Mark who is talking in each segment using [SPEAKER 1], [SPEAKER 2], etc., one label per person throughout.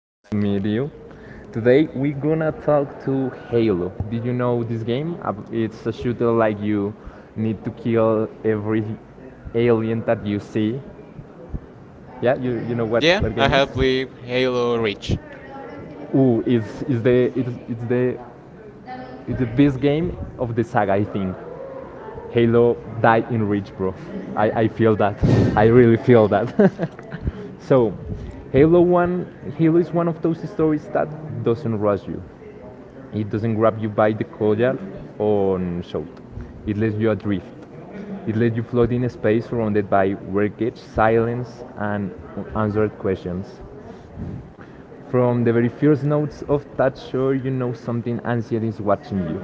[SPEAKER 1] Nice to meet you. Today we're gonna talk to Halo. Did you know this game? It's a shooter like you need to kill every alien that you see. Yeah, you know what? Yeah,
[SPEAKER 2] Yeah,
[SPEAKER 1] what
[SPEAKER 2] I
[SPEAKER 1] game
[SPEAKER 2] have
[SPEAKER 1] is?
[SPEAKER 2] played Halo Reach.
[SPEAKER 1] Ooh, it's the best game of the saga I think. Halo die in reach bro. I feel that. I really feel that. So, Halo 1, Halo is one of those stories that doesn't rush you. It doesn't grab you by the collar or shout. It lets you adrift. It lets you float in a space surrounded by wreckage, silence, and unanswered questions. From the very first notes of that show, you know something ancient is watching you.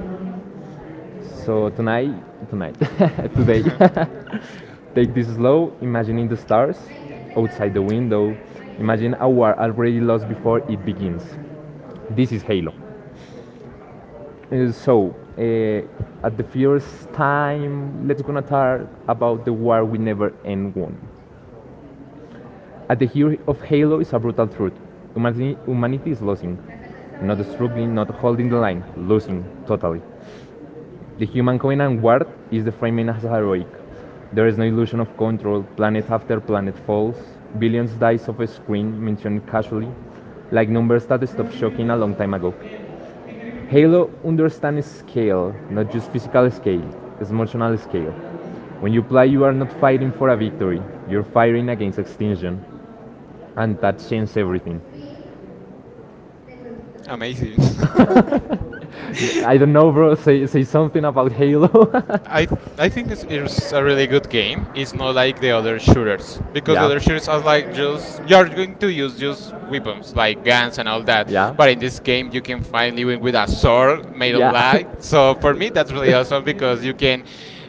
[SPEAKER 1] So tonight, today, take this slow, imagining the stars outside the window. Imagine a war already lost before it begins. This is Halo. So, at the first time, let's gonna talk about the war we never end won. At the heart of Halo is a brutal truth: humanity is losing, not struggling, not holding the line, losing totally. The human covenant war is the framing as heroic. There is no illusion of control. Planet after planet falls. Billions dies off a screen mentioned casually, like numbers that stopped shocking a long time ago. Halo understands scale, not just physical scale, emotional scale. When you play, you are not fighting for a victory, you're fighting against extinction, and that changes everything. Amazing.
[SPEAKER 2] Amazing.
[SPEAKER 1] I don't know, bro. Say something about Halo. I
[SPEAKER 2] I
[SPEAKER 1] think
[SPEAKER 2] think
[SPEAKER 1] this
[SPEAKER 2] it's a really
[SPEAKER 1] is
[SPEAKER 2] good game. It's
[SPEAKER 1] more
[SPEAKER 2] not
[SPEAKER 1] like.
[SPEAKER 2] like the other shooters because the
[SPEAKER 1] Yeah.
[SPEAKER 2] other
[SPEAKER 1] like,
[SPEAKER 2] shooters are like just you're going to use just weapons
[SPEAKER 1] like
[SPEAKER 2] like guns and all that.
[SPEAKER 1] Yeah.
[SPEAKER 2] But in this game, you can finally win with a sword made on
[SPEAKER 1] Yeah.
[SPEAKER 2] light. So for me, that's really awesome because you can.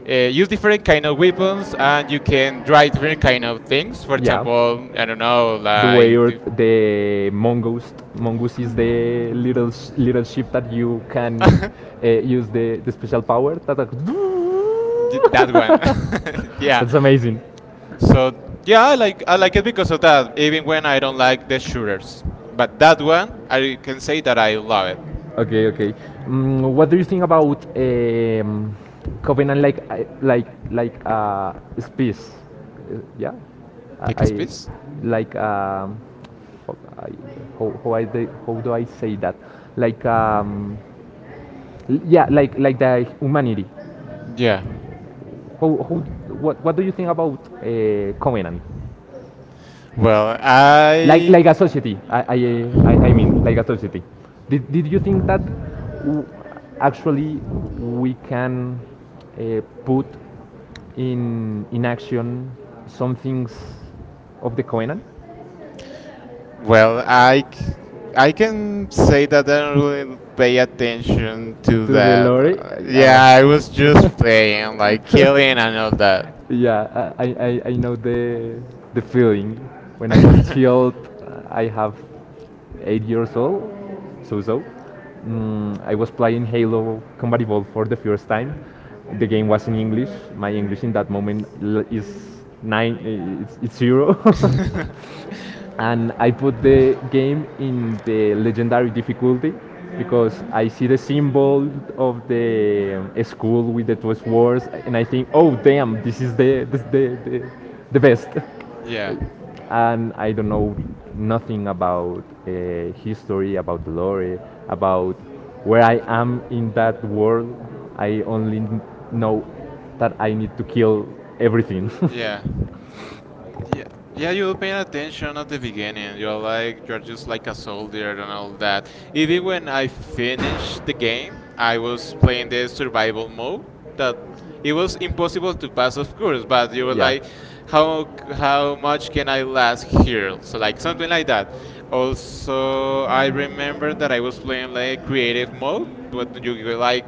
[SPEAKER 2] Use different kind of weapons and you can try different kind of things, for
[SPEAKER 1] Yeah.
[SPEAKER 2] example, I don't know,
[SPEAKER 1] The way
[SPEAKER 2] like
[SPEAKER 1] the mongoose is the little little ship that you can use the special power. That like
[SPEAKER 2] that one.
[SPEAKER 1] Yeah.
[SPEAKER 2] Yeah.
[SPEAKER 1] That's amazing.
[SPEAKER 2] So yeah, I like it because of that. Even when I don't like the shooters, but that one I can say that I love it.
[SPEAKER 1] Okay, okay. What do you think about Covenant, like space? Yeah, I,
[SPEAKER 2] Like a
[SPEAKER 1] I
[SPEAKER 2] space?
[SPEAKER 1] like, fuck, I, how I de- how do I say that? Like, yeah, like the humanity.
[SPEAKER 2] Yeah.
[SPEAKER 1] How What do you think about Covenant?
[SPEAKER 2] Well,
[SPEAKER 1] like like a society, I mean, like a society, did you think that w- actually we can put in action some things of the covenant
[SPEAKER 2] well I c- I can say that I don't really pay attention to
[SPEAKER 1] to the
[SPEAKER 2] that.
[SPEAKER 1] lorry. uh,
[SPEAKER 2] Yeah, I was just playing like killing and all that.
[SPEAKER 1] yeah, I know the feeling. When I was child, I have 8 years old, so. I was playing Halo Combat Evolved for the first time. The game was in English. My English in that moment is nine, it's zero. And I put the game in the legendary difficulty because I see the symbol of the school with the two swords, and I think, oh damn, this is the this the best.
[SPEAKER 2] Yeah.
[SPEAKER 1] And I don't know nothing about history, about the lore, about where I am in that world. I only know that I need to kill everything. Yeah.
[SPEAKER 2] Yeah. Yeah, yeah, you're paying
[SPEAKER 1] Attention
[SPEAKER 2] attention at
[SPEAKER 1] at
[SPEAKER 2] the
[SPEAKER 1] the beginning,
[SPEAKER 2] beginning. You're
[SPEAKER 1] like
[SPEAKER 2] like you're
[SPEAKER 1] you're
[SPEAKER 2] just
[SPEAKER 1] just like
[SPEAKER 2] like a
[SPEAKER 1] a
[SPEAKER 2] soldier
[SPEAKER 1] soldier
[SPEAKER 2] and
[SPEAKER 1] and all
[SPEAKER 2] all
[SPEAKER 1] that.
[SPEAKER 2] that. Even when I finished
[SPEAKER 1] Finished
[SPEAKER 2] the
[SPEAKER 1] the game,
[SPEAKER 2] game, I
[SPEAKER 1] I was like
[SPEAKER 2] was playing the
[SPEAKER 1] so
[SPEAKER 2] survival mode.
[SPEAKER 1] normal that
[SPEAKER 2] That it
[SPEAKER 1] it was
[SPEAKER 2] was impossible
[SPEAKER 1] impossible to
[SPEAKER 2] to pass, of course.
[SPEAKER 1] concentrate.
[SPEAKER 2] But you were
[SPEAKER 1] Yeah. like,
[SPEAKER 2] like, how
[SPEAKER 1] how
[SPEAKER 2] how much can I last here? So
[SPEAKER 1] so
[SPEAKER 2] like something like that.
[SPEAKER 1] So
[SPEAKER 2] Also,
[SPEAKER 1] I
[SPEAKER 2] I
[SPEAKER 1] remember
[SPEAKER 2] remember that
[SPEAKER 1] I
[SPEAKER 2] I
[SPEAKER 1] was
[SPEAKER 2] was playing
[SPEAKER 1] looking like
[SPEAKER 2] like creative
[SPEAKER 1] a
[SPEAKER 2] mode,
[SPEAKER 1] month
[SPEAKER 2] but
[SPEAKER 1] when
[SPEAKER 2] you
[SPEAKER 1] you
[SPEAKER 2] were
[SPEAKER 1] guys
[SPEAKER 2] like,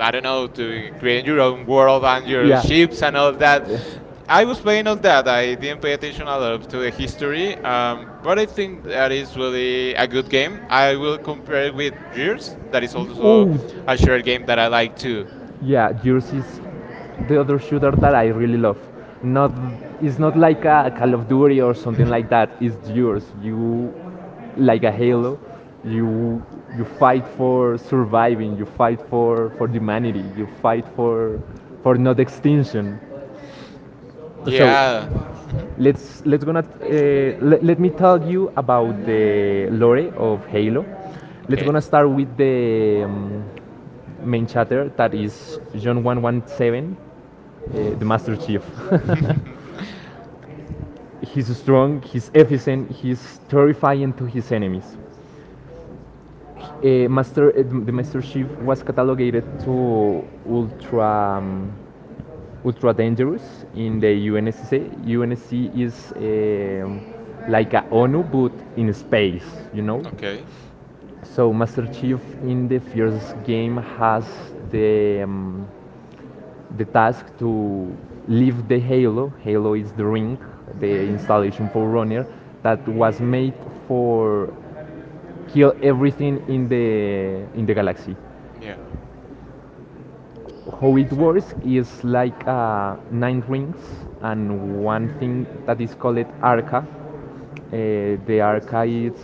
[SPEAKER 2] I don't know,
[SPEAKER 1] to
[SPEAKER 2] to create your own world and
[SPEAKER 1] your.
[SPEAKER 2] your
[SPEAKER 1] Yeah. Shit.
[SPEAKER 2] ships and all that. I
[SPEAKER 1] Additional
[SPEAKER 2] was playing all that. I didn't pay
[SPEAKER 1] to
[SPEAKER 2] attention a lot to the history, but I think that
[SPEAKER 1] that is.
[SPEAKER 2] is really a good game. I will compare it with Gears, that is also
[SPEAKER 1] Oh,
[SPEAKER 2] a shared game that I like too.
[SPEAKER 1] yeah, gears is the other shooter that I really love. Not It's not like a Call of Duty or something
[SPEAKER 2] Mhm.
[SPEAKER 1] like that. It's gears. You like a Halo. You you fight for surviving. You fight for humanity. You fight for not extinction. So
[SPEAKER 2] Yeah. Mhm.
[SPEAKER 1] let me tell you about the lore of Halo. Let's
[SPEAKER 2] Okay.
[SPEAKER 1] gonna start with the main chatter that is John 117, the Master Chief. He's strong, he's efficient, he's terrifying to his enemies. The Master Chief was catalogated to ultra, um, ultra dangerous in the
[SPEAKER 2] Mhm.
[SPEAKER 1] UNSC. UNSC is like a ONU but in space, you know.
[SPEAKER 2] Okay.
[SPEAKER 1] So Master Chief in the first game has the um, the task to leave the Halo. Halo is the ring, the installation for Runner that was made for kill everything in the galaxy.
[SPEAKER 2] Yeah.
[SPEAKER 1] How it
[SPEAKER 2] So.
[SPEAKER 1] works is like nine rings and one thing that is called arca. The arca is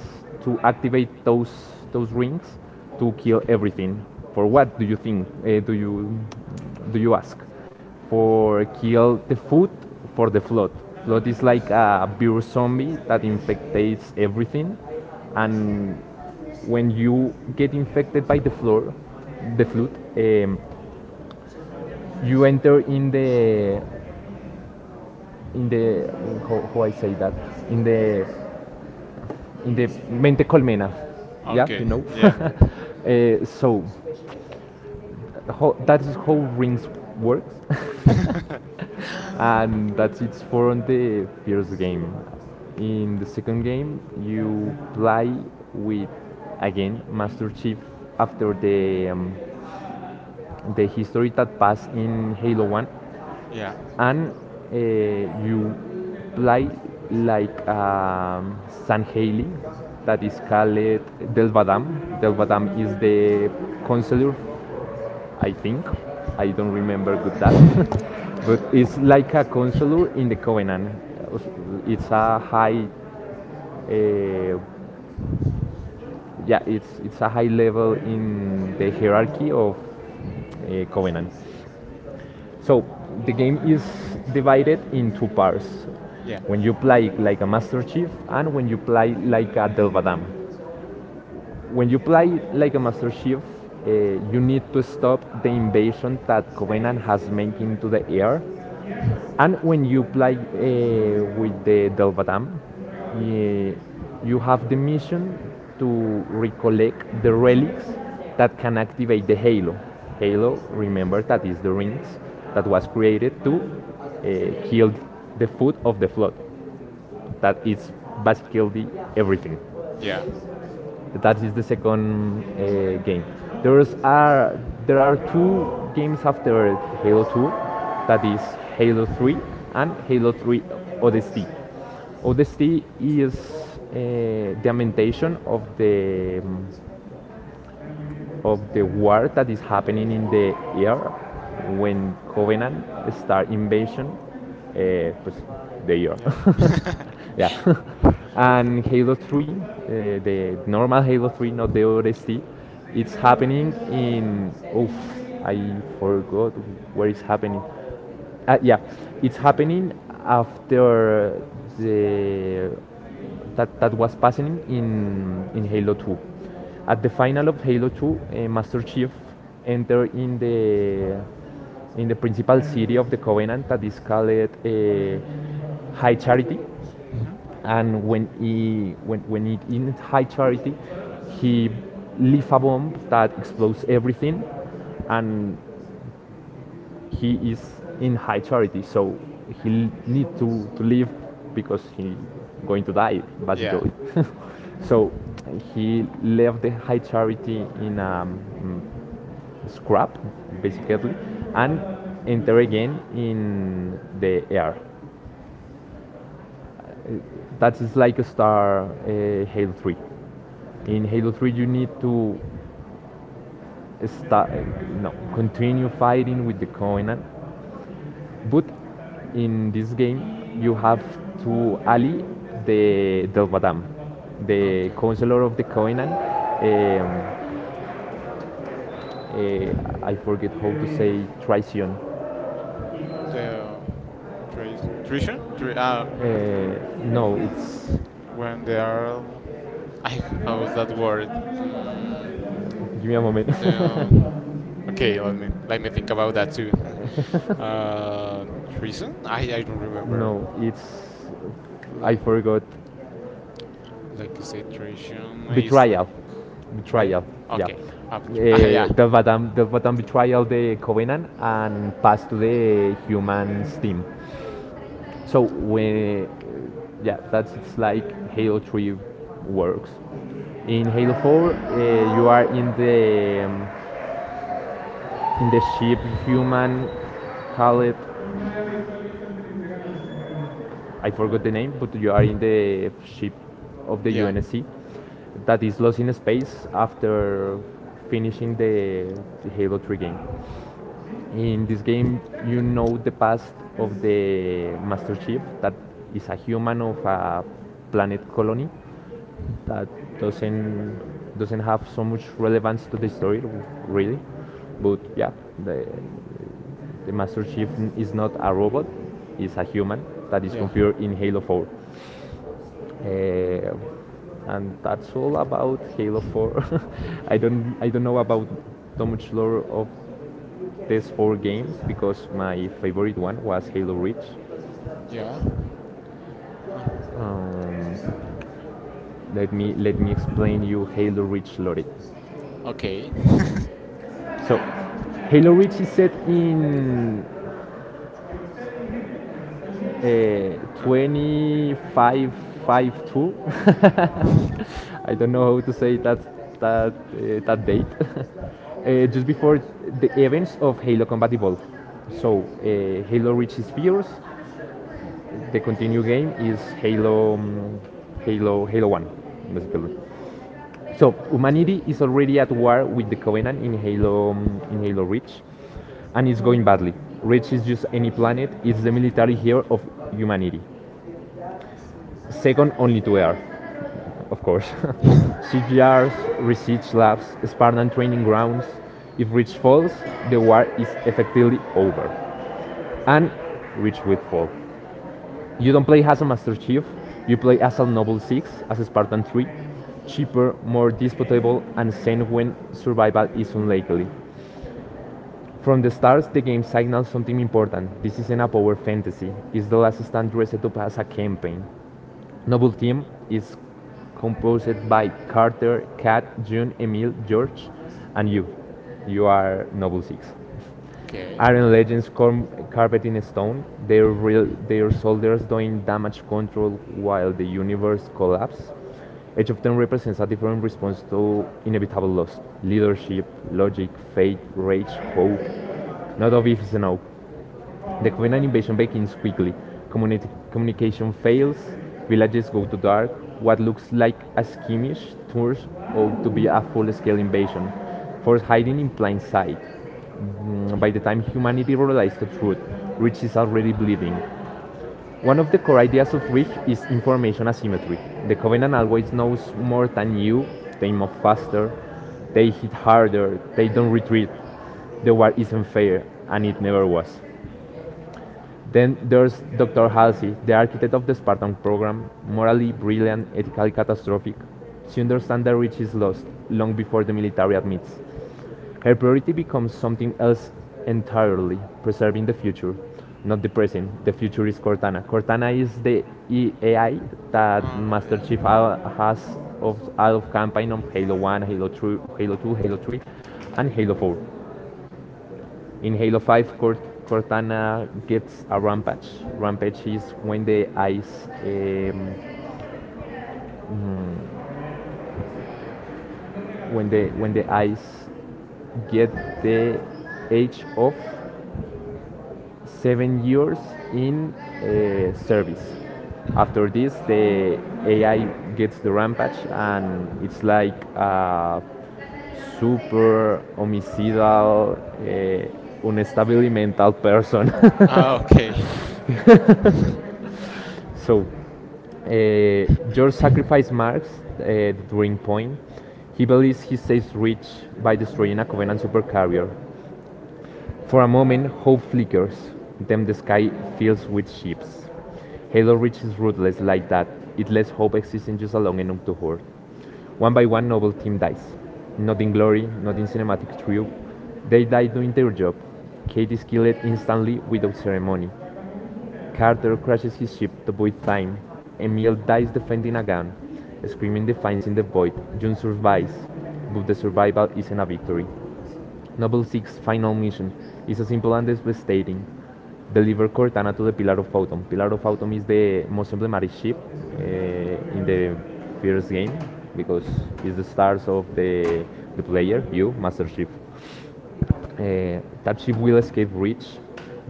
[SPEAKER 1] to activate those rings to kill everything. For what do you think? Do you ask? For kill the food for the flood. Flood is like a virus zombie that infectates everything, and when you get infected by the flood. Um, you enter in the, how I say that, in the in the mente colmena, yeah, you
[SPEAKER 2] Okay.
[SPEAKER 1] know.
[SPEAKER 2] Yeah.
[SPEAKER 1] So, that is how rings works. And that's it for the first game. In the second game, you play with again Master Chief after the history that passed in Halo One,
[SPEAKER 2] Yeah.
[SPEAKER 1] and uh, you play like San Haley, that is called Del Badam. Del Badam is the consular, I think. I don't remember good that, but it's like a consular in the Covenant. It's a high, uh, yeah, it's a high level in the hierarchy of Covenant. So the game is divided in two parts.
[SPEAKER 2] Yeah.
[SPEAKER 1] When you play like a Master Chief and when you play like a Delvadam. When you play like a Master Chief, uh, you need to stop the invasion that Covenant has made into the air, and when you play with the Delvadam, you have the mission to recollect the relics that can activate the Halo. Halo, remember that is the rings that was created to heal the foot of the flood. That is basically everything.
[SPEAKER 2] Yeah.
[SPEAKER 1] That is the second game. There's are there are two games after Halo 2, that is Halo 3 and Halo 3 Odyssey. Odyssey is the implementation of the war that is happening in the air when Covenant start invasion, eh, pues, the year.
[SPEAKER 2] Yeah.
[SPEAKER 1] Yeah. And Halo 3, the normal Halo 3, not the ODST, it's happening in. Oh, I forgot where it's happening. Yeah, it's happening after the that was passing in Halo 2. At the final of Halo 2, Master Chief entered in the principal city of the Covenant that is called High Charity,
[SPEAKER 2] Mhm.
[SPEAKER 1] and when he when it in High Charity, he leave a bomb that explodes everything, and he is in high charity, so he need to live because he going to die
[SPEAKER 2] Yeah.
[SPEAKER 1] basically. So he left the high charity in a scrap basically and enter again in the air. That is like a star Halo 3. In Halo 3 you need to start, no, continue fighting with the Covenant. But in this game, you have to ally the Delvadam, the
[SPEAKER 2] Okay.
[SPEAKER 1] counselor of the Covenant. Um, I forget how to say Tricion.
[SPEAKER 2] The trees. Tradition?
[SPEAKER 1] Uh, no, it's.
[SPEAKER 2] Mm, when they are, I, how is that word? Mm,
[SPEAKER 1] Give me a moment.
[SPEAKER 2] the Okay, let me think about that too. Treason? I don't remember.
[SPEAKER 1] No, it's. I
[SPEAKER 2] Like
[SPEAKER 1] forgot.
[SPEAKER 2] like you say, treason is
[SPEAKER 1] Betrayal.
[SPEAKER 2] like try it.
[SPEAKER 1] Betrayal, yeah.
[SPEAKER 2] Okay, yeah,
[SPEAKER 1] Delvadam betrayal the Covenant and pass to the humans team. So when Yeah, that's it's like Halo 3 works. In Halo 4, you are in the ship human call it. I forgot the name, but you are in the ship of the
[SPEAKER 2] yeah,
[SPEAKER 1] UNSC that is lost in space after finishing the Halo 3 game. In this game, you know the past of the Master Chief that is a human of a planet colony that doesn't doesn't have so much relevance to the story, really. But yeah, the the master chief is not a robot, is a human that is
[SPEAKER 2] yeah,
[SPEAKER 1] configured in halo 4. Uh, and that's all about halo 4. I don't know about too much lore of these four games because my favorite one was halo reach.
[SPEAKER 2] yeah. Um,
[SPEAKER 1] um, Let me explain you halo reach lore.
[SPEAKER 2] okay.
[SPEAKER 1] So, Halo Reach is set in 2552. I don't know how to say that date. Just before the events of Halo Combat Evolved. So, Halo Reach is fierce. The continue game is Halo One, basically. So, humanity is already at war with the Covenant in Halo Reach, and it's going badly. Reach is just any planet, it's the military here of humanity. Second only to Earth, of course. CGRs, research labs, Spartan training grounds. If Reach falls, the war is effectively over. And Reach will fall. You don't play as a Master Chief, you play as a Noble 6, as a Spartan 3. Cheaper, more disputable, and sane when survival is unlikely. From the start, the game signals something important. This isn't a power fantasy. It's the last stand dressed up as a campaign. Noble Team is composed by Carter, Kat, June, Emil, George, and you. You are Noble Six.
[SPEAKER 2] Okay.
[SPEAKER 1] Iron Legends
[SPEAKER 2] Oh
[SPEAKER 1] com- carved in stone, their, real, their soldiers doing damage control while the universe collapses. Each of them represents a different response to inevitable loss: leadership, logic, fate, rage, hope. Not obvious enough. The Covenant invasion begins quickly. Communication fails, villages go to dark, what looks like a skirmish turns out to be a full scale invasion, force hiding in plain sight. By the time humanity realizes the truth, Reach is already bleeding. One of the core ideas of Reach is information asymmetry. The Covenant always knows more than you, they move faster, they hit harder, they don't retreat. The war isn't fair, and it never was. Then there's Dr. Halsey, the architect of the Spartan program, morally brilliant, ethically catastrophic. She understands that Rich is lost long before the military admits. Her priority becomes something else entirely: preserving the future, not the present. The future is Cortana. Cortana is the AI that Master Chief
[SPEAKER 2] yeah.
[SPEAKER 1] has of out of campaign of Halo 1, Halo 2, Halo 2, Halo 3, and Halo 4. In Halo 5, Cortana gets a rampage. Rampage is when the eyes, um, mm, when the eyes get the age of 7 years in service. After this, the AI gets the rampage, and it's like a
[SPEAKER 2] Mhm.
[SPEAKER 1] super homicidal, unstable mental person.
[SPEAKER 2] Ah, okay.
[SPEAKER 1] so Uh, George sacrificed Marx, the turning point. He believes he saves Rich by destroying a Covenant supercarrier. For a moment, hope flickers. Then the sky fills with ships. Halo Reach is ruthless like that. It lets hope exist in just long enough to hurt. One by one, noble team dies. Not in glory, not in cinematic triumph. They die doing their job. Kate is killed instantly without ceremony. Carter crashes his ship to Void Time. Emil dies defending a gun. Screaming defines in the void. June survives, but the survival isn't a victory. Novel 6 final mission is a simple and devastating. Deliver Cortana to the Pillar of Autumn. Pillar of Autumn is the most emblematic ship uh, in the first game because it's the stars of the player, you, Master Chief. That ship will escape reach,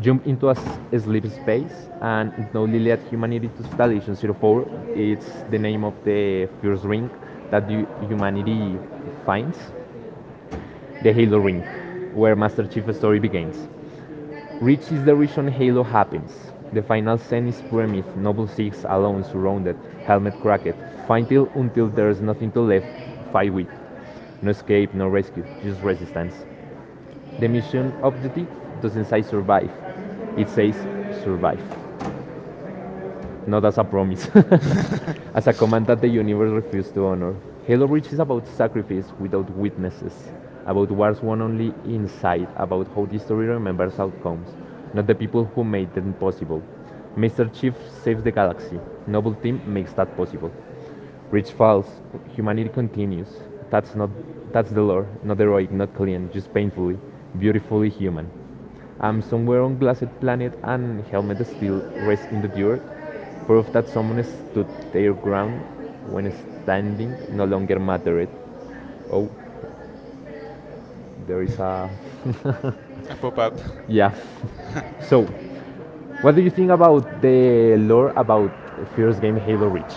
[SPEAKER 1] jump into a sleep space, and now Liliad Humanity to Station zero 04. It's the name of the first ring that the humanity finds, the Halo Ring, where Master Chief's story begins. Reach is the region Halo happens. The final scene is Premith, Noble Six, alone, surrounded, helmet cracked. Fight until there's nothing to left, fight with. No escape, no rescue, just resistance. The mission objective doesn't say survive, it says survive. Not as a promise, as a command that the universe refused to honor. Halo Reach is about sacrifice without witnesses, about wars won only inside, about how the story remembers outcomes, not the people who made them possible. Mr. Chief saves the galaxy. Noble Team makes that possible. Rich falls, humanity continues. That's not that's the lore, not heroic, not clean, just painfully, beautifully human. I'm somewhere on glassed planet and helmet still rests in the dirt. Proof that someone stood their ground when standing no longer mattered. Oh, there is a
[SPEAKER 2] A pop-up.
[SPEAKER 1] yeah. So, what do you think about the lore about first game Halo Reach?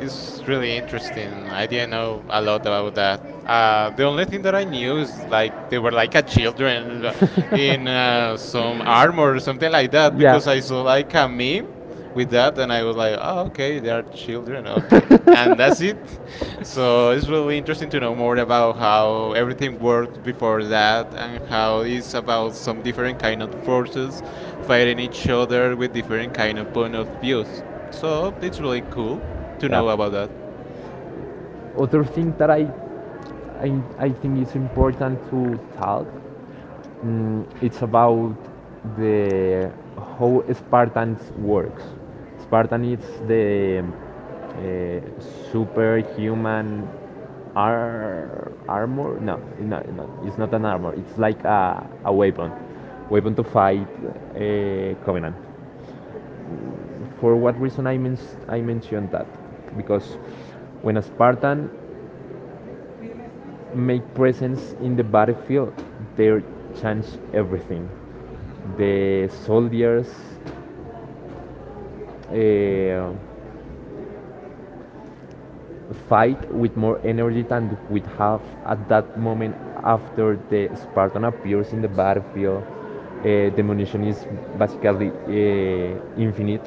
[SPEAKER 2] It's really interesting. I didn't know a lot about that. The only thing that I knew is like they were like a children in some armor or something like that
[SPEAKER 1] Yeah.
[SPEAKER 2] because I saw like a meme with that and I was like, oh, okay, they are children,
[SPEAKER 1] And
[SPEAKER 2] okay, and that's
[SPEAKER 1] that's it.
[SPEAKER 2] it. So
[SPEAKER 1] So
[SPEAKER 2] it's
[SPEAKER 1] it's
[SPEAKER 2] really
[SPEAKER 1] really
[SPEAKER 2] interesting
[SPEAKER 1] interesting
[SPEAKER 2] to
[SPEAKER 1] to
[SPEAKER 2] know
[SPEAKER 1] know
[SPEAKER 2] more
[SPEAKER 1] more
[SPEAKER 2] about
[SPEAKER 1] about
[SPEAKER 2] how
[SPEAKER 1] how
[SPEAKER 2] everything
[SPEAKER 1] everything worked
[SPEAKER 2] works before
[SPEAKER 1] before that
[SPEAKER 2] that and
[SPEAKER 1] and
[SPEAKER 2] how
[SPEAKER 1] how
[SPEAKER 2] it's
[SPEAKER 1] it's about
[SPEAKER 2] about
[SPEAKER 1] some
[SPEAKER 2] some
[SPEAKER 1] different
[SPEAKER 2] different
[SPEAKER 1] kind
[SPEAKER 2] kind of
[SPEAKER 1] of forces
[SPEAKER 2] forces
[SPEAKER 1] fighting
[SPEAKER 2] fighting each
[SPEAKER 1] each other,
[SPEAKER 2] other with different
[SPEAKER 1] different kind
[SPEAKER 2] kind of
[SPEAKER 1] of point.
[SPEAKER 2] point of
[SPEAKER 1] So
[SPEAKER 2] views. So
[SPEAKER 1] it's
[SPEAKER 2] it's
[SPEAKER 1] really
[SPEAKER 2] really cool
[SPEAKER 1] cool
[SPEAKER 2] to
[SPEAKER 1] to, yeah,
[SPEAKER 2] know
[SPEAKER 1] know
[SPEAKER 2] about
[SPEAKER 1] about that.
[SPEAKER 2] that.
[SPEAKER 1] Other thing that I think is important to talk, it's about the how Spartans works. Spartan is the uh, superhuman armor. No, no, no, it's not an armor. It's like a weapon, weapon to fight Covenant. For what reason I mentioned that? Because when a Spartan make presence in the battlefield they changed everything,
[SPEAKER 2] Hmm.
[SPEAKER 1] the soldiers uh, fight with more energy than we have at that moment after the spartan appears in the battlefield. The munition is basically infinite,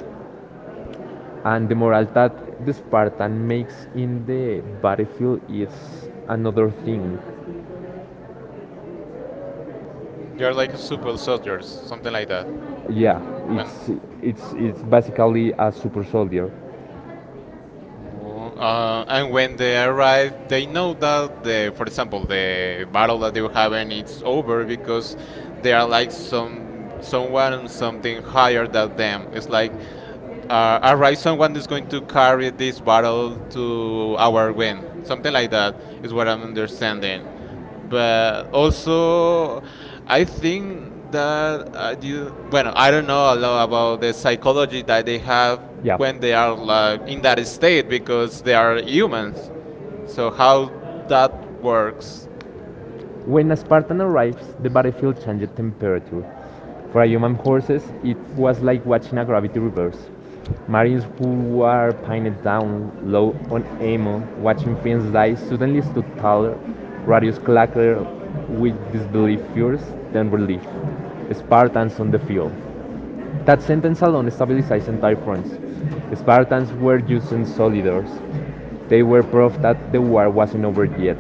[SPEAKER 1] and the morale that the spartan makes in the battlefield is another thing.
[SPEAKER 2] They
[SPEAKER 1] You're
[SPEAKER 2] are
[SPEAKER 1] like
[SPEAKER 2] like
[SPEAKER 1] super
[SPEAKER 2] super
[SPEAKER 1] soldiers,
[SPEAKER 2] soldiers, something
[SPEAKER 1] something
[SPEAKER 2] like
[SPEAKER 1] like
[SPEAKER 2] that.
[SPEAKER 1] that.
[SPEAKER 2] Oh,
[SPEAKER 1] Yeah,
[SPEAKER 2] when.
[SPEAKER 1] it's it's it's basically a super soldier.
[SPEAKER 2] Oh,
[SPEAKER 1] Uh,
[SPEAKER 2] and when they arrive,
[SPEAKER 1] And they
[SPEAKER 2] they
[SPEAKER 1] know,
[SPEAKER 2] know that the,
[SPEAKER 1] that,
[SPEAKER 2] for
[SPEAKER 1] for example,
[SPEAKER 2] example,
[SPEAKER 1] the
[SPEAKER 2] the
[SPEAKER 1] Valkyrian
[SPEAKER 2] battle that they were having
[SPEAKER 1] is
[SPEAKER 2] it's
[SPEAKER 1] over
[SPEAKER 2] over
[SPEAKER 1] because
[SPEAKER 2] because
[SPEAKER 1] they
[SPEAKER 2] they
[SPEAKER 1] are
[SPEAKER 2] are
[SPEAKER 1] like
[SPEAKER 2] like
[SPEAKER 1] some
[SPEAKER 2] some
[SPEAKER 1] someone,
[SPEAKER 2] someone,
[SPEAKER 1] something
[SPEAKER 2] something higher
[SPEAKER 1] hurt
[SPEAKER 2] than
[SPEAKER 1] them.
[SPEAKER 2] them. It's
[SPEAKER 1] It's like
[SPEAKER 2] like
[SPEAKER 1] uh, it's
[SPEAKER 2] a Ryzen
[SPEAKER 1] going
[SPEAKER 2] one
[SPEAKER 1] to
[SPEAKER 2] is
[SPEAKER 1] come
[SPEAKER 2] going to carry this battle
[SPEAKER 1] to
[SPEAKER 2] to our win.
[SPEAKER 1] win, something
[SPEAKER 2] Something like
[SPEAKER 1] like that.
[SPEAKER 2] that is what I'm
[SPEAKER 1] In the second game.
[SPEAKER 2] understanding.
[SPEAKER 1] But
[SPEAKER 2] But
[SPEAKER 1] also,
[SPEAKER 2] also,
[SPEAKER 1] I
[SPEAKER 2] I
[SPEAKER 1] think
[SPEAKER 2] think
[SPEAKER 1] that
[SPEAKER 2] that
[SPEAKER 1] is
[SPEAKER 2] you,
[SPEAKER 1] when,
[SPEAKER 2] well, I don't know a lot about the psychology that they have
[SPEAKER 1] yeah,
[SPEAKER 2] when
[SPEAKER 1] when
[SPEAKER 2] they
[SPEAKER 1] they are
[SPEAKER 2] are like, in
[SPEAKER 1] in that
[SPEAKER 2] that
[SPEAKER 1] state,
[SPEAKER 2] state because
[SPEAKER 1] they
[SPEAKER 2] they are
[SPEAKER 1] are humans.
[SPEAKER 2] humans. So
[SPEAKER 1] So how
[SPEAKER 2] how
[SPEAKER 1] that
[SPEAKER 2] that
[SPEAKER 1] works?
[SPEAKER 2] works,
[SPEAKER 1] When a Spartan arrives, the battlefield changed temperature. For human horses, it was like watching a gravity reverse. Marines who were pinned down, low on ammo, watching friends die, suddenly stood taller, radius clackered with disbelief first, then relief. Spartans on the field. That sentence alone stabilized entire fronts. Spartans were using soldiers. They were proof that the war wasn't over yet.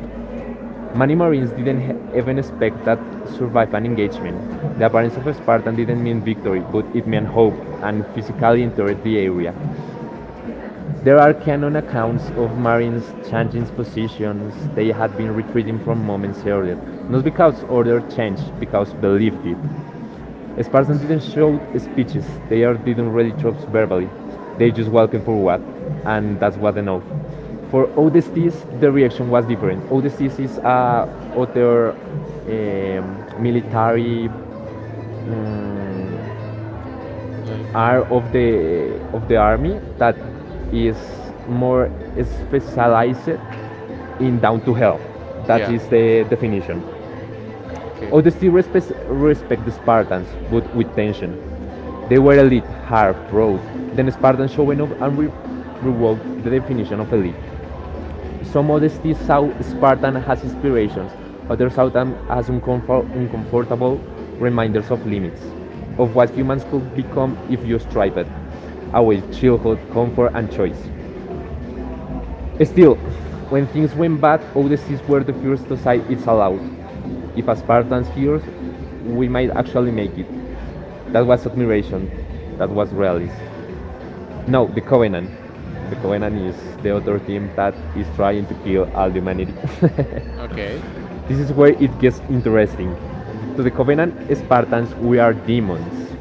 [SPEAKER 1] Many Marines didn't even expect that survive an engagement. The appearance of a Spartan didn't mean victory, but it meant hope, and physically entered the area. There are canon accounts of Marines changing positions they had been retreating from moments earlier, not because order changed, because believed it. Spartans didn't show speeches. They are didn't really talk verbally. They just walking forward, and that's what they know. For ODSTs, the reaction was different. ODSTs is other um, military um,
[SPEAKER 2] like.
[SPEAKER 1] arm of the army that
[SPEAKER 2] Mhm.
[SPEAKER 1] is more specialized in down to hell. That
[SPEAKER 2] Yeah.
[SPEAKER 1] is the definition.
[SPEAKER 2] Okay.
[SPEAKER 1] Odysseus respect the Spartans, but with tension. They were elite, hard, proud. Then Spartans showing up and revoked the definition of elite. Some Odysseus saw Spartan as inspirations, others saw them as uncomfortable reminders of limits, of what humans could become if you strive it, away childhood, comfort, and choice. Still, when things went bad, Odysseus were the first to say it's allowed. If Spartans hears, we might actually make it. That was admiration. That was realism. No, the Covenant. The
[SPEAKER 2] Mhm.
[SPEAKER 1] Covenant is the other team that is trying to kill all humanity.
[SPEAKER 2] Okay.
[SPEAKER 1] This is where it gets interesting. To the Covenant Spartans, we are demons.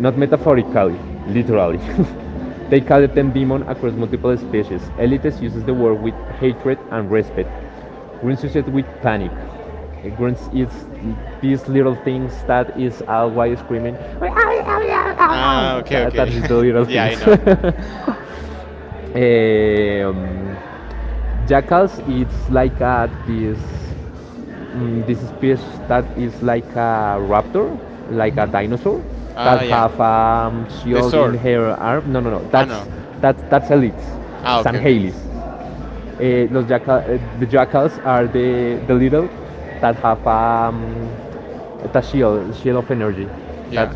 [SPEAKER 1] Not metaphorically, literally. They call it them demon across multiple species. Elites uses the word with hatred and respect. Grunts use it with panic. Grunts is these little things that is always screaming.
[SPEAKER 2] Ah,
[SPEAKER 1] "Meow."
[SPEAKER 2] okay,
[SPEAKER 1] That
[SPEAKER 2] okay.
[SPEAKER 1] is the little
[SPEAKER 2] Yeah, I
[SPEAKER 1] things.
[SPEAKER 2] know.
[SPEAKER 1] um, Jackals, it's like a, this, this species that is like a raptor, like a
[SPEAKER 2] Mhm.
[SPEAKER 1] dinosaur, that
[SPEAKER 2] Ah, yeah.
[SPEAKER 1] have
[SPEAKER 2] The
[SPEAKER 1] shield in
[SPEAKER 2] sword.
[SPEAKER 1] her arm. No, no, no.
[SPEAKER 2] Ah, no.
[SPEAKER 1] That's that's elites,
[SPEAKER 2] Ah, okay, okay.
[SPEAKER 1] Sanhelis. Eh, los jackal, eh, the jackals are the little that have the shield, shield of energy. That
[SPEAKER 2] Yeah.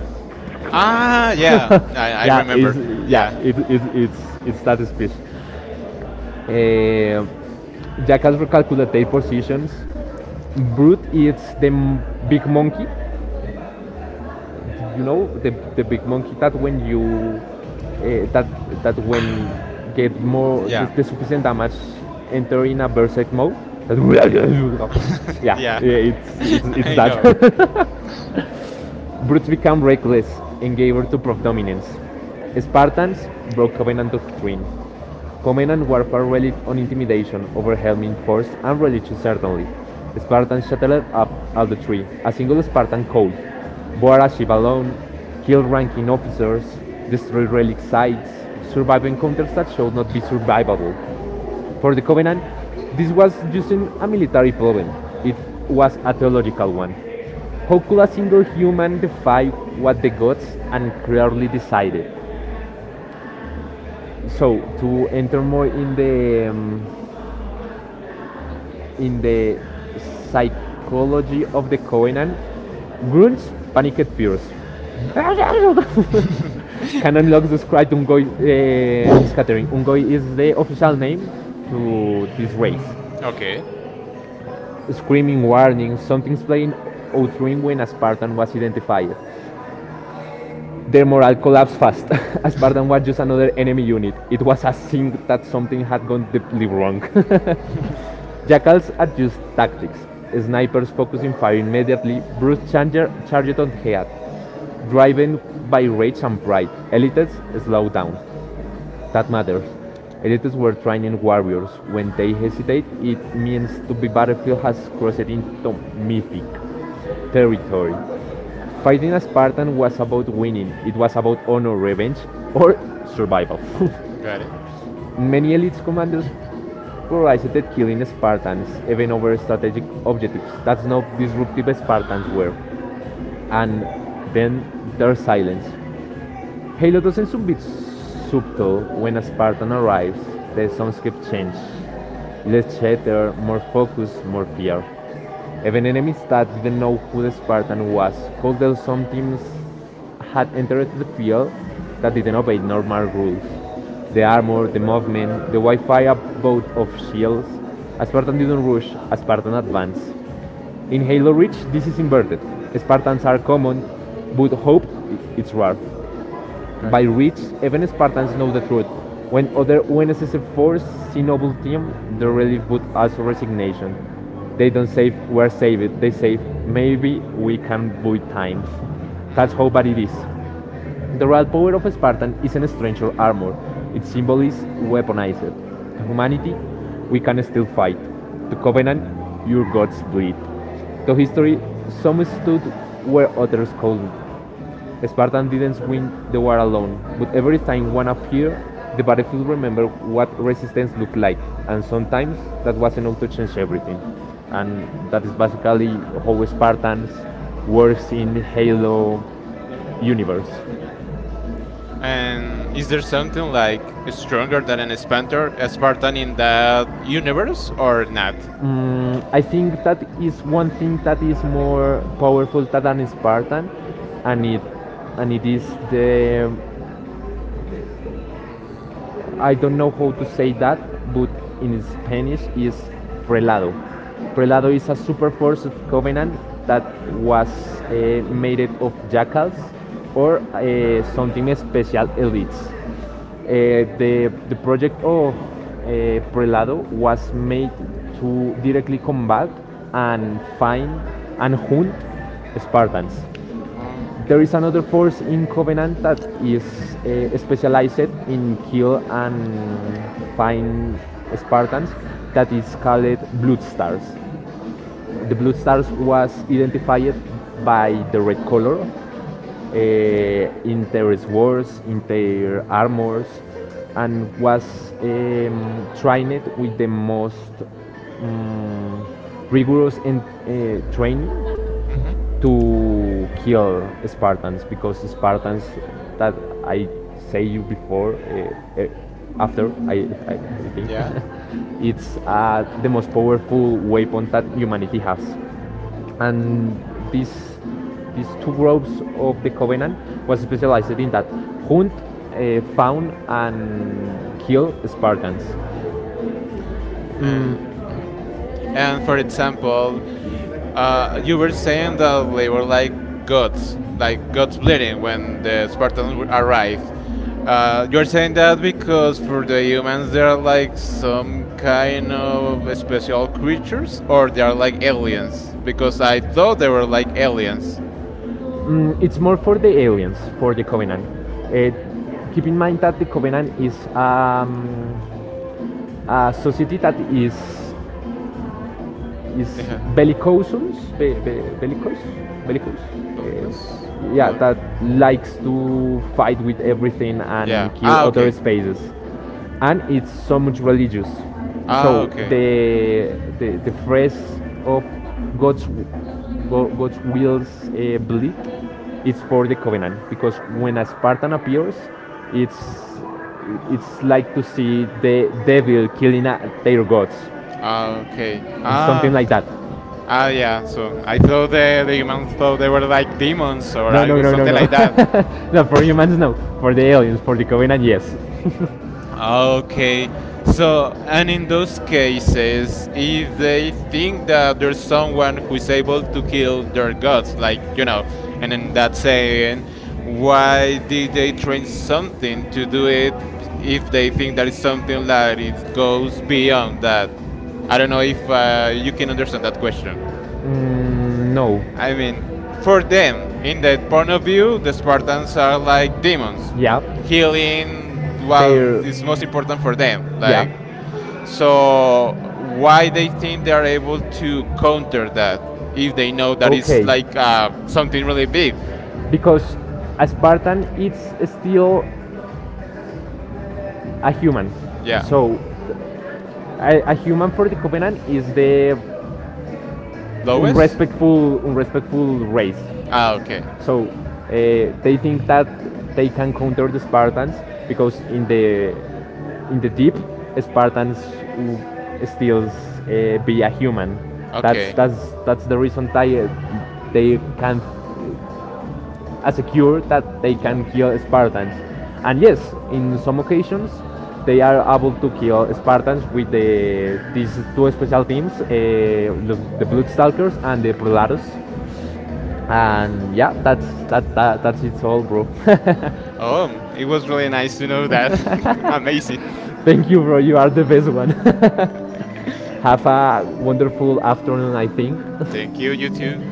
[SPEAKER 2] Ah, yeah. I
[SPEAKER 1] yeah is
[SPEAKER 2] remember.
[SPEAKER 1] yeah
[SPEAKER 2] Yeah,
[SPEAKER 1] it, is it, it's it's that species. Eh, jackals recalculate their positions. Brute is the big monkey you know the big monkey that when you uh, that that when get more
[SPEAKER 2] yeah.
[SPEAKER 1] the sufficient damage enter in a berserk mode. Yeah,
[SPEAKER 2] Yeah.
[SPEAKER 1] yeah, it's it's it's
[SPEAKER 2] I
[SPEAKER 1] that.
[SPEAKER 2] know.
[SPEAKER 1] Brutes became reckless and gave over to predominance. Spartans broke covenant doctrine. Covenant warfare relied on intimidation, overwhelming force, and religious certainty. Spartans shattered up all the tree. A single Spartan cold. Bore alone, killed ranking officers, destroyed relic sites, survived encounters that showed not be survivable. For the Covenant, this was using a military problem, it was a theological one. How could a single human defy what the gods and clearly decided? So, to enter more in the psychology of the Covenant, grunts panicked fears.
[SPEAKER 2] Mhm.
[SPEAKER 1] Canon logs described Ungoi scattering. Ungoy is the official name to this race.
[SPEAKER 2] Okay.
[SPEAKER 1] Screaming warnings, something's playing out ring when a Spartan was identified. Their morale collapsed fast. A Spartan was just another enemy unit. It was a sign that something had gone deeply wrong. Jackals adjust tactics. Snipers focusing fire immediately, Bruce Changer charged on head. Driven by rage and pride, elites slow down. That matters. Elites were training warriors. When they hesitate, it means to be battlefield has crossed into mythic territory. Fighting a Spartan was about winning, it was about honor, revenge, or survival.
[SPEAKER 2] Got it.
[SPEAKER 1] Many elite commanders prioritized killing Spartans even over strategic objectives. That's how disruptive Spartans were. And then their silence. Halo doesn't seem a bit subtle when a Spartan arrives. The soundscape changes. Less chatter, more focus, more fear. Even enemies that didn't know who the Spartan was, called them some teams had entered the field that didn't obey normal rules. The armor, the movement, the Wi-Fi about of shields. A Spartan didn't rush, a Spartan advanced. In Halo Reach, this is inverted. Spartans are common, but hope it's rare.
[SPEAKER 2] Got
[SPEAKER 1] By
[SPEAKER 2] it.
[SPEAKER 1] reach, even Spartans know the truth. When other UNSC forces see noble team, the relief but also resignation. They don't say we're saved, they say maybe we can buy time.
[SPEAKER 2] Mhm.
[SPEAKER 1] That's how bad it is. The real power of Spartan isn't strength or armor, its symbol is weaponized. To humanity, we can still fight. To covenant, your gods bleed. To history, some stood where others could not. Spartan didn't win the war alone, but every time one appeared, the battlefield remembered what resistance looked like, and sometimes that was enough to change everything. And that is basically how Spartans works in Halo universe. Is
[SPEAKER 2] And is there something
[SPEAKER 1] something like
[SPEAKER 2] like stronger
[SPEAKER 1] stronger
[SPEAKER 2] than
[SPEAKER 1] than
[SPEAKER 2] an Spartan, a
[SPEAKER 1] a Spartan
[SPEAKER 2] Spartan
[SPEAKER 1] in
[SPEAKER 2] in
[SPEAKER 1] the
[SPEAKER 2] that
[SPEAKER 1] universe?
[SPEAKER 2] universe or not?
[SPEAKER 1] I think that is one thing that is more powerful than an Spartan, and it and it is the I don't know how to say that, but in Spanish is prelado. Prelado is a super force of covenant that was made of jackals or something special elites. The project of Prelado was made to directly combat and find and hunt Spartans.
[SPEAKER 2] Uh,
[SPEAKER 1] There is another force in Covenant that is specialized in kill and find Spartans that is called Blood Stars. The Blood Stars was identified by the red color
[SPEAKER 2] yeah.
[SPEAKER 1] in their swords, in their armors, and was trained with the most um, rigorous and trained
[SPEAKER 2] Hmm.
[SPEAKER 1] to kill Spartans because Spartans that I say you before after I think
[SPEAKER 2] Yeah.
[SPEAKER 1] it's the most powerful weapon that humanity has, and these these two groups of the covenant was specialized in that hunt, found and kill Spartans.
[SPEAKER 2] Uh, and
[SPEAKER 1] And for
[SPEAKER 2] for
[SPEAKER 1] example,
[SPEAKER 2] example,
[SPEAKER 1] you
[SPEAKER 2] you were
[SPEAKER 1] were saying
[SPEAKER 2] saying that
[SPEAKER 1] that they
[SPEAKER 2] they were
[SPEAKER 1] were gods, like
[SPEAKER 2] like gods
[SPEAKER 1] gods lady
[SPEAKER 2] bleeding
[SPEAKER 1] when
[SPEAKER 2] when
[SPEAKER 1] the
[SPEAKER 2] the Spartans
[SPEAKER 1] Spartans arrived.
[SPEAKER 2] arrived.
[SPEAKER 1] Uh,
[SPEAKER 2] You're
[SPEAKER 1] because
[SPEAKER 2] saying that
[SPEAKER 1] for
[SPEAKER 2] because for
[SPEAKER 1] the
[SPEAKER 2] the humans
[SPEAKER 1] humans
[SPEAKER 2] they
[SPEAKER 1] they
[SPEAKER 2] are
[SPEAKER 1] are like
[SPEAKER 2] like
[SPEAKER 1] some
[SPEAKER 2] some
[SPEAKER 1] kind
[SPEAKER 2] kind of
[SPEAKER 1] of special
[SPEAKER 2] special
[SPEAKER 1] creatures,
[SPEAKER 2] creatures,
[SPEAKER 1] or
[SPEAKER 2] or they
[SPEAKER 1] they
[SPEAKER 2] are
[SPEAKER 1] are like
[SPEAKER 2] like
[SPEAKER 1] aliens.
[SPEAKER 2] aliens? Because
[SPEAKER 1] Because I
[SPEAKER 2] I thought
[SPEAKER 1] thought they
[SPEAKER 2] they were
[SPEAKER 1] were like
[SPEAKER 2] like
[SPEAKER 1] aliens.
[SPEAKER 2] aliens.
[SPEAKER 1] It's more for the aliens, for the Covenant. Uh, keep in mind that the Covenant is a society that is
[SPEAKER 2] Yeah,
[SPEAKER 1] bellicousins, be, bellicose, bellicose.
[SPEAKER 2] ¿lo ubicas?
[SPEAKER 1] Yeah,
[SPEAKER 2] Lo-.
[SPEAKER 1] that likes to fight with everything
[SPEAKER 2] Yeah.
[SPEAKER 1] and kill
[SPEAKER 2] Ah,
[SPEAKER 1] other
[SPEAKER 2] okay.
[SPEAKER 1] spaces, and it's so much religious.
[SPEAKER 2] Ah,
[SPEAKER 1] So
[SPEAKER 2] okay.
[SPEAKER 1] the phrase of God's God's will's bleed, it's for the covenant because when a Spartan appears, it's it's like to see the devil killing their gods.
[SPEAKER 2] Ah, okay.
[SPEAKER 1] It's something
[SPEAKER 2] Ah.
[SPEAKER 1] like that. Ah,
[SPEAKER 2] Ah,
[SPEAKER 1] yeah.
[SPEAKER 2] yeah. So
[SPEAKER 1] So
[SPEAKER 2] I
[SPEAKER 1] like,
[SPEAKER 2] thought the humans thought they were like demons
[SPEAKER 1] like
[SPEAKER 2] or
[SPEAKER 1] no, no,
[SPEAKER 2] algo,
[SPEAKER 1] no, no,
[SPEAKER 2] something
[SPEAKER 1] no.
[SPEAKER 2] like that.
[SPEAKER 1] No, for humans, no. For the aliens, for the Covenant, yes.
[SPEAKER 2] Okay. So, and in those cases, if they think that there's someone who's able to kill their gods, like, you know, and in that saying, why did they train something to do it if they think that it's something that it goes beyond that? I don't know if you can understand
[SPEAKER 1] uh,
[SPEAKER 2] that question.
[SPEAKER 1] No.
[SPEAKER 2] I mean,
[SPEAKER 1] For
[SPEAKER 2] for them, in
[SPEAKER 1] them,
[SPEAKER 2] that point of view, the Spartans are
[SPEAKER 1] that's
[SPEAKER 2] like
[SPEAKER 1] like
[SPEAKER 2] demons,
[SPEAKER 1] demons. Yeah. Healing
[SPEAKER 2] healing what
[SPEAKER 1] They're-
[SPEAKER 2] is most important
[SPEAKER 1] for
[SPEAKER 2] for them.
[SPEAKER 1] them. Yeah.
[SPEAKER 2] Like,
[SPEAKER 1] So
[SPEAKER 2] so why
[SPEAKER 1] why
[SPEAKER 2] they
[SPEAKER 1] they
[SPEAKER 2] think
[SPEAKER 1] think
[SPEAKER 2] they
[SPEAKER 1] they
[SPEAKER 2] are
[SPEAKER 1] are
[SPEAKER 2] able to
[SPEAKER 1] able to
[SPEAKER 2] counter
[SPEAKER 1] counter
[SPEAKER 2] that
[SPEAKER 1] that? You
[SPEAKER 2] if they know
[SPEAKER 1] know that.
[SPEAKER 2] that it's
[SPEAKER 1] Okay.
[SPEAKER 2] like
[SPEAKER 1] Like, some
[SPEAKER 2] something really big?
[SPEAKER 1] because Spartan it's still a human. Yeah.
[SPEAKER 2] Yeah,
[SPEAKER 1] So a human for the Covenant is the
[SPEAKER 2] lowest.
[SPEAKER 1] unrespectful race.
[SPEAKER 2] Ah, okay,
[SPEAKER 1] So they think that they can counter the Spartans because in the deep, Spartans w- still be a human. That's
[SPEAKER 2] okay.
[SPEAKER 1] that's that's the reason they can, as a cure, that they
[SPEAKER 2] Yeah.
[SPEAKER 1] can kill Spartans. And yes, in some occasions, they are able to kill Spartans with these two special teams, the Bloodstalkers and the Prolatus. And yeah, that's that, that that's it's all, bro. It
[SPEAKER 2] Oh, it
[SPEAKER 1] was
[SPEAKER 2] was
[SPEAKER 1] really
[SPEAKER 2] really
[SPEAKER 1] nice
[SPEAKER 2] nice
[SPEAKER 1] to
[SPEAKER 2] to know
[SPEAKER 1] know
[SPEAKER 2] that. Amazing.
[SPEAKER 1] that. Thank you, bro. You are the best one. Have a wonderful afternoon, I think.
[SPEAKER 2] Thank you, you too.